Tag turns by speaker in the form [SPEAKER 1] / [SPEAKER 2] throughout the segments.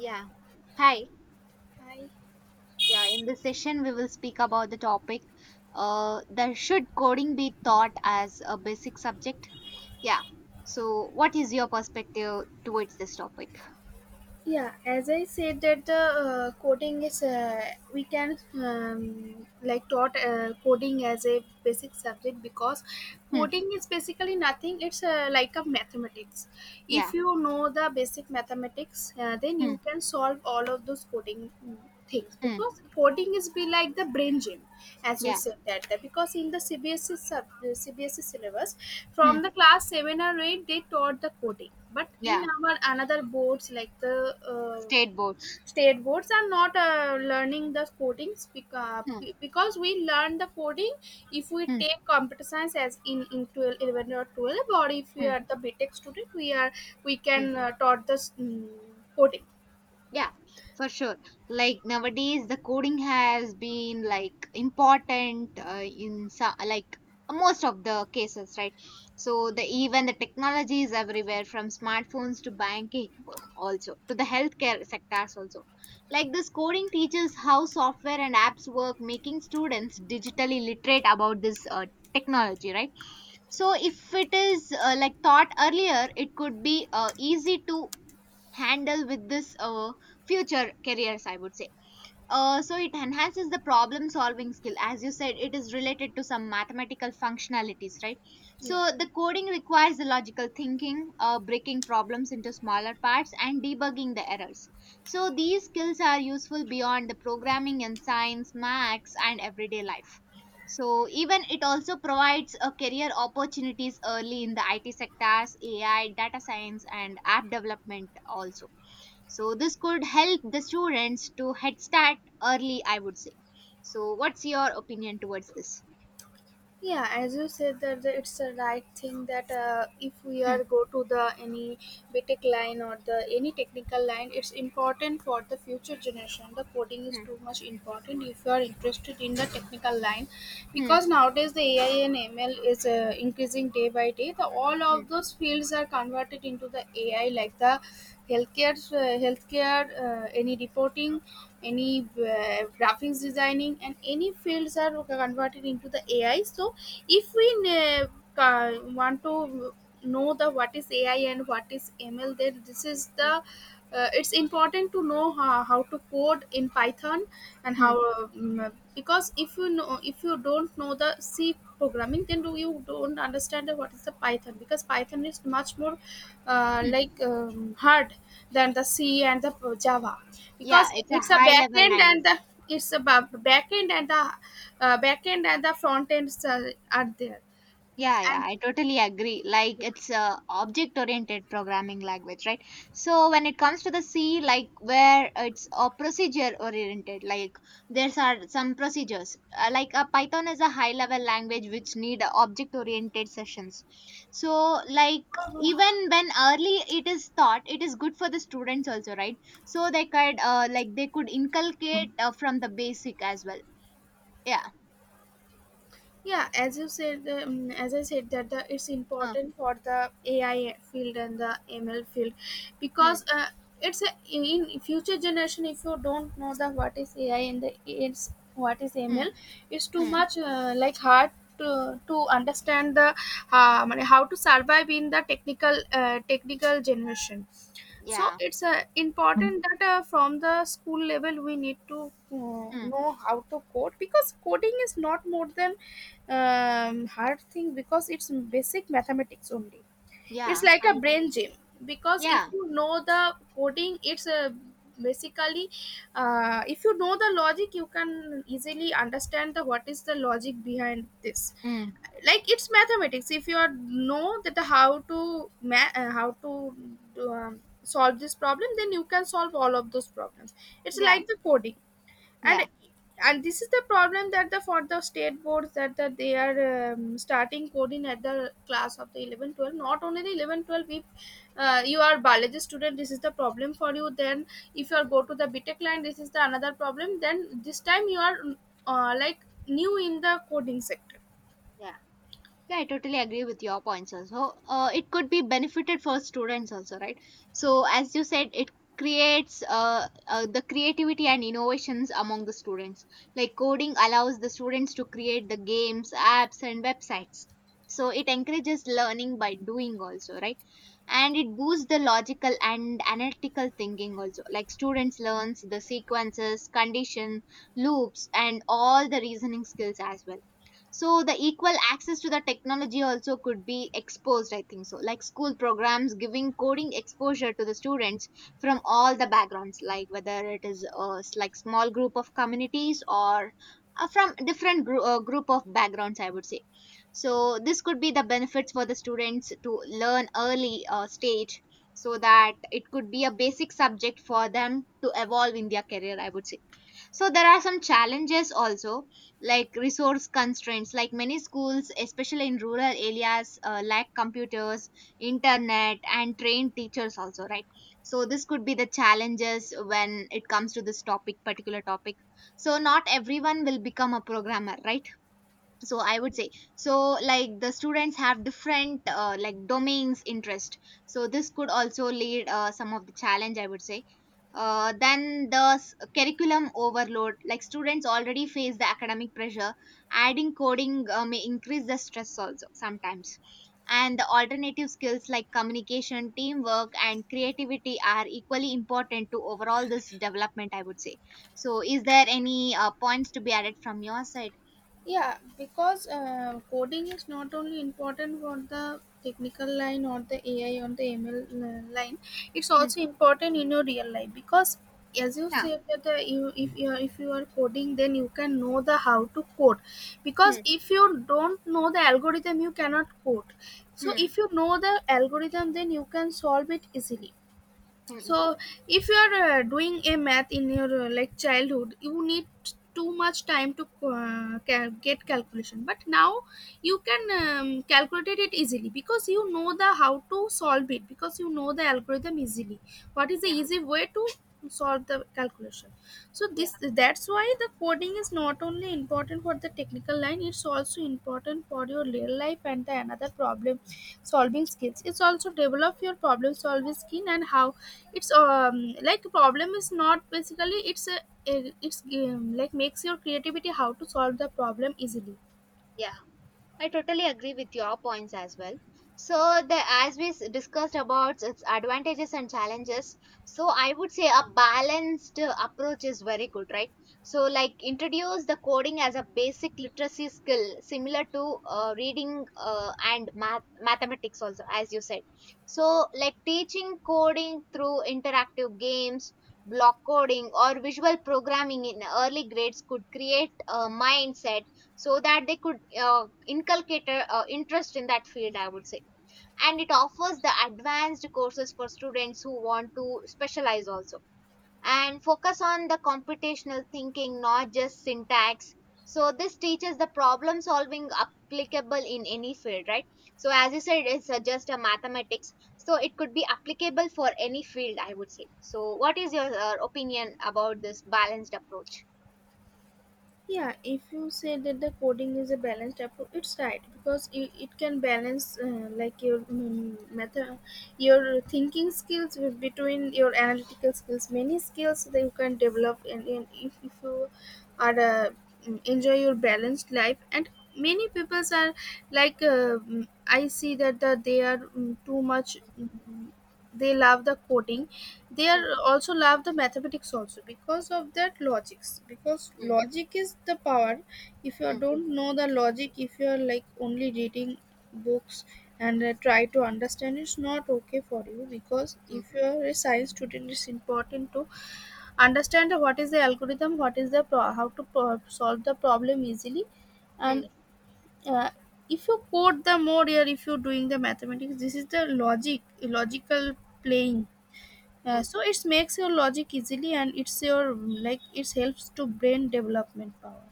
[SPEAKER 1] Yeah. Hi.
[SPEAKER 2] Hi.
[SPEAKER 1] Yeah, in this session, we will speak about the topic that should coding be taught as a basic subject? Yeah. So, what is your perspective towards this topic?
[SPEAKER 2] Yeah, as I said, that the coding is, we can, like, taught coding as a basic subject, because
[SPEAKER 1] Hmm.
[SPEAKER 2] coding is basically nothing. It's, like a mathematics.
[SPEAKER 1] Yeah.
[SPEAKER 2] If you know the basic mathematics, then
[SPEAKER 1] Hmm.
[SPEAKER 2] you can solve all of those coding things,
[SPEAKER 1] Hmm.
[SPEAKER 2] because coding is be like the brain gym. As you
[SPEAKER 1] Yeah.
[SPEAKER 2] said that because in the CBSE sub, cbsc syllabus,
[SPEAKER 1] Hmm.
[SPEAKER 2] from the class 7 or 8 they taught the coding, but in
[SPEAKER 1] Yeah.
[SPEAKER 2] our another boards like the uh,
[SPEAKER 1] State boards.
[SPEAKER 2] state boards are not learning the codings
[SPEAKER 1] Hmm.
[SPEAKER 2] because we learn the coding if we
[SPEAKER 1] Hmm.
[SPEAKER 2] take computer science as in 12, 11 or 12, or if we
[SPEAKER 1] Hmm.
[SPEAKER 2] are the btech student we are, we
[SPEAKER 1] Hmm.
[SPEAKER 2] can taught the coding.
[SPEAKER 1] Yeah, for sure. Like nowadays, the coding has been like important in so, like most of the cases, right? So the even the technology is everywhere, from smartphones to banking, also to the healthcare sectors also. Like this coding teaches how software and apps work, making students digitally literate about this technology, right? So if it is like taught earlier, it could be easy to handle with this future careers, I would say. Uh, so it enhances the problem solving skill, as you said it is related to some mathematical functionalities, right? So
[SPEAKER 2] yeah
[SPEAKER 1] the coding requires the logical thinking, breaking problems into smaller parts and debugging the errors. So these skills are useful beyond the programming in science, maths, and everyday life. So even it also provides a career opportunities early in the IT sectors, AI, data science, and app development also. So this could help the students to head start early, I would say. So what's your opinion towards this?
[SPEAKER 2] yeah As you said it's the right thing that if we
[SPEAKER 1] Hmm,
[SPEAKER 2] are go to the any btech line or the any technical line, it's important for the future generation. The coding is
[SPEAKER 1] hmm,
[SPEAKER 2] too much important if you are interested in the technical line,
[SPEAKER 1] hmm,
[SPEAKER 2] because nowadays the AI and ML is increasing day by day. The all
[SPEAKER 1] hmm,
[SPEAKER 2] of those fields are converted into the AI, like the healthcare, healthcare, any reporting, any graphics designing, and any fields are converted into the AI. So if we ne- ca- want to know the what is AI and what is ML, then this is the,
[SPEAKER 1] hmm,
[SPEAKER 2] it's important to know how to code in python. And how,
[SPEAKER 1] hmm,
[SPEAKER 2] because if you know, if you don't know the c programming, then do you don't understand the what is the python, because python is much more
[SPEAKER 1] hmm.
[SPEAKER 2] like hard than the c and the java,
[SPEAKER 1] Yeah,
[SPEAKER 2] because
[SPEAKER 1] it's a
[SPEAKER 2] it's a
[SPEAKER 1] high level
[SPEAKER 2] backend
[SPEAKER 1] language.
[SPEAKER 2] and the, it's about back end and the, back end and the front ends are there.
[SPEAKER 1] Yeah, yeah,
[SPEAKER 2] And
[SPEAKER 1] I totally agree. Like it's a object-oriented programming language, right? So when it comes to the C, like where it's a procedure-oriented, like there's are some procedures. Like a Python is a high-level language which need object-oriented sessions. So like even when early it is taught, it is good for the students also, right? So they could like they could inculcate from the basic as well. Yeah.
[SPEAKER 2] yeah as you said, as I said that the, it's
[SPEAKER 1] Uh,
[SPEAKER 2] important for the AI field and the ML field,
[SPEAKER 1] Hmm.
[SPEAKER 2] because it's a, in future generation, if you don't know the what is AI and the it's what is
[SPEAKER 1] Hmm.
[SPEAKER 2] ML, it's too
[SPEAKER 1] Mm,
[SPEAKER 2] much like hard to understand the, how to survive in the technical generation. So
[SPEAKER 1] yeah.
[SPEAKER 2] it's important that from the school level we need to
[SPEAKER 1] Hmm.
[SPEAKER 2] know how to code, because coding is not more than hard thing, because it's basic mathematics only. It's
[SPEAKER 1] Yeah.
[SPEAKER 2] like a
[SPEAKER 1] I.
[SPEAKER 2] brain gym, because if
[SPEAKER 1] Yeah.
[SPEAKER 2] you know the coding, it's a basically, if you know the logic you can easily understand the what is the logic behind this.
[SPEAKER 1] Mm.
[SPEAKER 2] Like it's mathematics. If you are know that the how to how to solve this problem, then you can solve all of those problems. It's
[SPEAKER 1] Yeah,
[SPEAKER 2] like the coding.
[SPEAKER 1] yeah,
[SPEAKER 2] And and this is the problem that the, for the state boards, that they are starting coding at the class of the 11, 12. Not only the 11, 12. If you are biology student, this is the problem for you. Then if you are go to the btech line, this is the another problem. Then this time you are like new in the coding sector.
[SPEAKER 1] yeah. Yeah, I totally agree with your points also. It could be benefited for students also, right? So, as you said, it creates the creativity and innovations among the students. Like coding allows the students to create the games, apps, and websites. So, it encourages learning by doing also, right? And it boosts the logical and analytical thinking also. Like students learns the sequences, condition, loops, and all the reasoning skills as well. So the equal access to the technology also could be exposed, I think so, like school programs giving coding exposure to the students from all the backgrounds, like whether it is like small group of communities or from different group of backgrounds, I would say. So this could be the benefits for the students to learn early stage, so that it could be a basic subject for them to evolve in their career, I would say. So there are some challenges also, like resource constraints. Like many schools especially in rural areas lack computers, internet, and trained teachers also, right? So this could be the challenges when it comes to this topic, particular topic. So not everyone will become a programmer, right? So I would say, so like the students have different like domains interest, so this could also lead some of the challenge, I would say. Then the curriculum overload. Like students already face the academic pressure, adding coding may increase the stress also sometimes. And the alternative skills like communication, teamwork, and creativity are equally important to overall this development, I would say. So is there any points to be added from your side?
[SPEAKER 2] Yeah, because coding is not only important for the technical line or the AI on the ML line, it's
[SPEAKER 1] Hmm.
[SPEAKER 2] also important in your real life. Because as you
[SPEAKER 1] Yeah.
[SPEAKER 2] said that you, if you are coding, then you can know the how to code, because
[SPEAKER 1] Hmm.
[SPEAKER 2] if you don't know the algorithm you cannot code. So
[SPEAKER 1] Hmm,
[SPEAKER 2] if you know the algorithm, then you can solve it easily.
[SPEAKER 1] mm.
[SPEAKER 2] So if you are doing a math in your like childhood, you need too much time to get calculation, but now you can calculate it easily, because you know the how to solve it, because you know the algorithm easily, what is the
[SPEAKER 1] Yeah,
[SPEAKER 2] easy way to solve the calculation. So
[SPEAKER 1] yeah,
[SPEAKER 2] this, that's why the coding is not only important for the technical line, it's also important for your real life and the another problem solving skills. It's also develop your problem solving skill. And how it's, like, problem is not basically, it's a- it's like, makes your creativity how to solve the problem easily.
[SPEAKER 1] yeah. I totally agree with your points as well. So, the as we s- discussed about its advantages and challenges, so I would say a balanced approach is very good, right? So, like introduce the coding as a basic literacy skill, similar to reading and math mathematics also, as you said. So, like teaching coding through interactive games. Block coding or visual programming in early grades could create a mindset so that they could inculcate a, interest in that field, I would say. And it offers the advanced courses for students who want to specialize also, and focus on the computational thinking not just syntax. So this teaches the problem solving applicable in any field, right? So as you said, it's just a mathematics, so it could be applicable for any field, I would say. So what is your opinion about this balanced approach?
[SPEAKER 2] Yeah, if you say that the coding is a balanced approach, it's right, because it can balance like your method, your thinking skills with, between your analytical skills, many skills that you can develop. And if you are enjoy your balanced life. And many people are like, I see that they are, too much, they love the coding. They are
[SPEAKER 1] Mm,
[SPEAKER 2] also love the mathematics also, because of that logics, because
[SPEAKER 1] mm,
[SPEAKER 2] logic is the power. If you
[SPEAKER 1] mm,
[SPEAKER 2] don't know the logic, if you are like only reading books and try to understand, it's not okay for you. Because
[SPEAKER 1] mm,
[SPEAKER 2] if you are a science student, it's important to understand what is the algorithm, what is how to solve the problem easily.
[SPEAKER 1] mm,
[SPEAKER 2] And uh, if you code the more here, if you're doing the mathematics, this is the logic, logical playing.
[SPEAKER 1] mm.
[SPEAKER 2] So it makes your logic easily, and it's your, like, it helps to brain development power.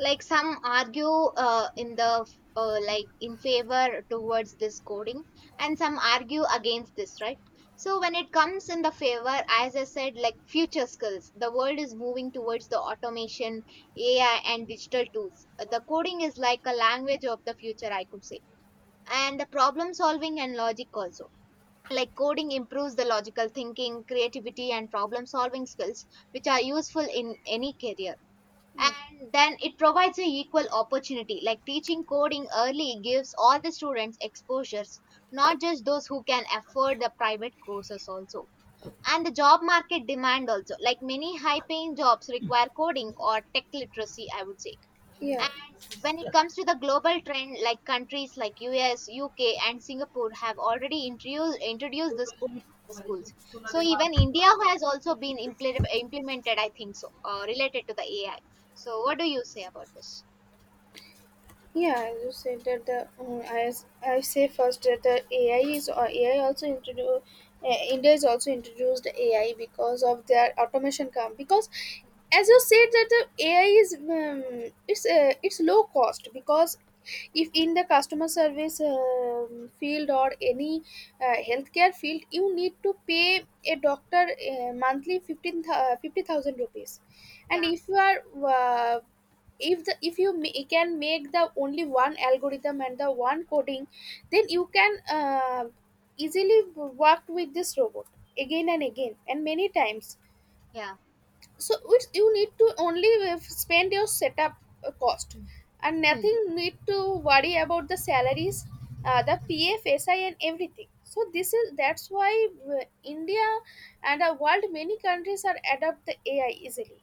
[SPEAKER 1] Like some argue in the like in favor towards this coding, and some argue against this, right? So when it comes in the favor, as I said, like future skills. The world is moving towards the automation, AI, and digital tools. The coding is like a language of the future, I could say. And the problem solving and logic also, like coding improves the logical thinking, creativity, and problem solving skills, which are useful in any career.
[SPEAKER 2] Yeah.
[SPEAKER 1] And then it provides a equal opportunity, like teaching coding early gives all the students exposures, not just those who can afford the private courses also. And the job market demand also, like many high paying jobs require coding or tech literacy, I would say. And
[SPEAKER 2] Yeah.
[SPEAKER 1] when it comes to the global trend, like countries like US, UK, and Singapore have already introduced this code to the schools. So even India has also been implemented, I think so, related to the AI. So what do you say about this?
[SPEAKER 2] Yeah, as you said that the I say first that the AI is, or AI also introduced, India is also introduced AI, because of their automation come. Because
[SPEAKER 1] Hmm.
[SPEAKER 2] as you said that the AI is, it's low cost. Because if
[SPEAKER 1] Hmm.
[SPEAKER 2] in the customer service field or any healthcare field, you need to pay a doctor monthly 15 uh, 50,000 rupees. And
[SPEAKER 1] Yeah,
[SPEAKER 2] if you are, uh, if you can make the only one algorithm and the one coding, then you can easily work with this robot again and again and many times.
[SPEAKER 1] yeah.
[SPEAKER 2] So it's, you need to only spend your setup cost,
[SPEAKER 1] Hmm.
[SPEAKER 2] and
[SPEAKER 1] Hmm.
[SPEAKER 2] nothing need to worry about the salaries, the
[SPEAKER 1] Hmm.
[SPEAKER 2] pf si and everything. So this is, that's why India and the world, many countries are adopt the AI easily.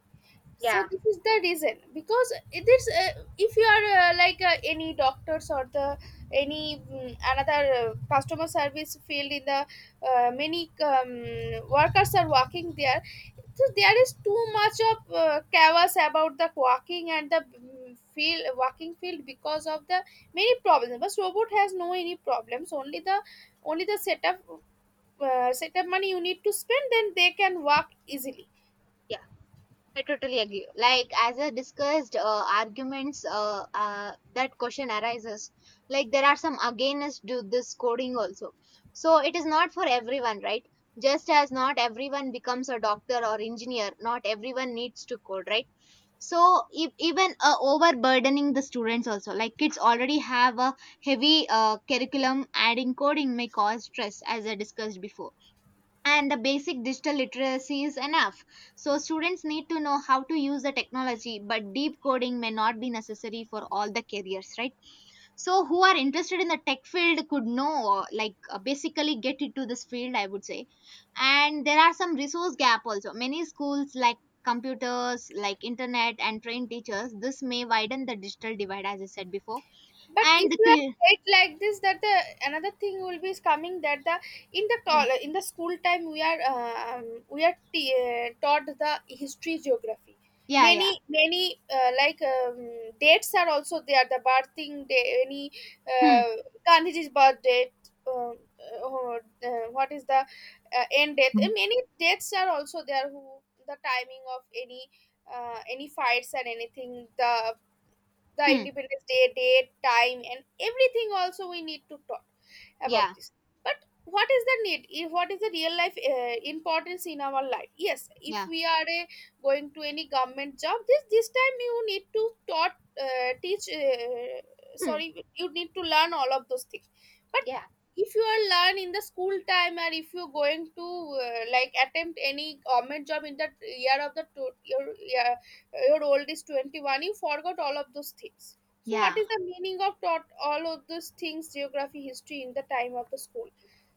[SPEAKER 2] So
[SPEAKER 1] Yeah,
[SPEAKER 2] this is the reason. Because it is, if you are, any doctors or the any, another customer service field, in the many workers are working there. So there is too much of chaos about the working and the mm, field working field, because of the many problems. But robot has no any problems, only the, only the setup setup money you need to spend, then they can work easily.
[SPEAKER 1] yeah. I totally agree. Like as I discussed, arguments that question arises. Like there are some against do this coding also. So it is not for everyone, right? Just as not everyone becomes a doctor or engineer, not everyone needs to code, right? So even overburdening the students also, like kids already have a heavy curriculum. Adding coding may cause stress, as I discussed before, and the basic digital literacy is enough. So, students need to know how to use the technology, but deep coding may not be necessary for all the careers, right? So, who are interested in the tech field could know, like, basically get into this field, I would say. And there are some resource gap also. Many schools, like computers, like internet, and trained teachers, this may widen the digital divide, as I said before.
[SPEAKER 2] But
[SPEAKER 1] And
[SPEAKER 2] if you are late like this, that the another thing will be is coming, that the in
[SPEAKER 1] Hmm.
[SPEAKER 2] in the school time we are, we are taught the history, geography,
[SPEAKER 1] Yeah, yeah.
[SPEAKER 2] many dates are also there, the birthing day, any
[SPEAKER 1] Hmm.
[SPEAKER 2] uh, gandhiji's birth date, um, what is the end date, and many dates are also there, who, the timing of any fights or anything, the
[SPEAKER 1] Hmm.
[SPEAKER 2] independence day, date, time, and everything also we need to talk about
[SPEAKER 1] Yeah.
[SPEAKER 2] this. But what is the need, if what is the real life importance in our life? Yes, if
[SPEAKER 1] Yeah.
[SPEAKER 2] we are going to any government job, this time you need to taught teach
[SPEAKER 1] Hmm.
[SPEAKER 2] sorry, you need to learn all of those things. But
[SPEAKER 1] Yeah.
[SPEAKER 2] if you are learn in the school time, or if you're going to like attempt any government job in the year of the two, your, yeah, your old is 21, you forgot all of those things. So what
[SPEAKER 1] Yeah.
[SPEAKER 2] is the meaning of taught all of those things, geography, history, in the time of the school?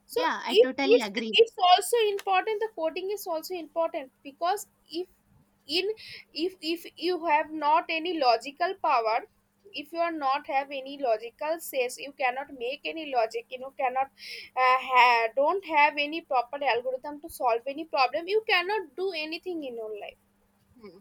[SPEAKER 2] So
[SPEAKER 1] Yeah, I
[SPEAKER 2] if
[SPEAKER 1] totally
[SPEAKER 2] it's,
[SPEAKER 1] agree.
[SPEAKER 2] it's also important, the coding is also important, because if in, if you have not any logical power, if you are not have any logical sense, you cannot make any logic, you know, cannot don't have any proper algorithm to solve any problem, you cannot do anything in your life.
[SPEAKER 1] Hmm.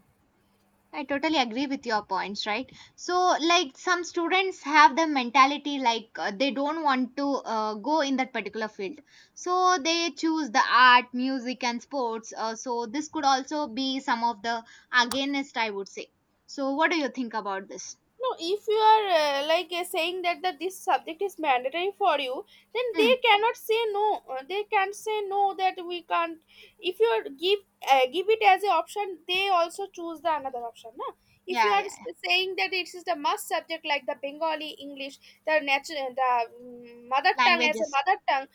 [SPEAKER 1] I totally agree with your points, right? So, like, some students have the mentality like they don't want to go in that particular field. So, they choose the art, music, and sports. So, this could also be some of the against, I would say. So, what do you think about this?
[SPEAKER 2] No, if you are saying that this subject is mandatory for you, then
[SPEAKER 1] Hmm.
[SPEAKER 2] they cannot say no. They can't say no that we can't. If you are give give it as an option, they also choose the another option, no? If you
[SPEAKER 1] Yeah,
[SPEAKER 2] are
[SPEAKER 1] yeah. Yeah.
[SPEAKER 2] saying that it is the must subject, like the Bengali, English, the natural, the mother tongue, as a
[SPEAKER 1] Languages.
[SPEAKER 2] mother tongue,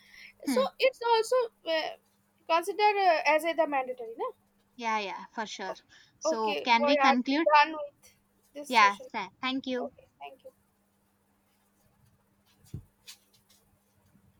[SPEAKER 2] so
[SPEAKER 1] Hmm.
[SPEAKER 2] it's also uh, considered as a the mandatory, no?
[SPEAKER 1] Yeah, yeah, for sure. So,
[SPEAKER 2] Okay,
[SPEAKER 1] can we
[SPEAKER 2] we are
[SPEAKER 1] conclude?
[SPEAKER 2] done with this
[SPEAKER 1] Yeah,
[SPEAKER 2] session.
[SPEAKER 1] sir. Thank you.
[SPEAKER 2] Okay, thank you.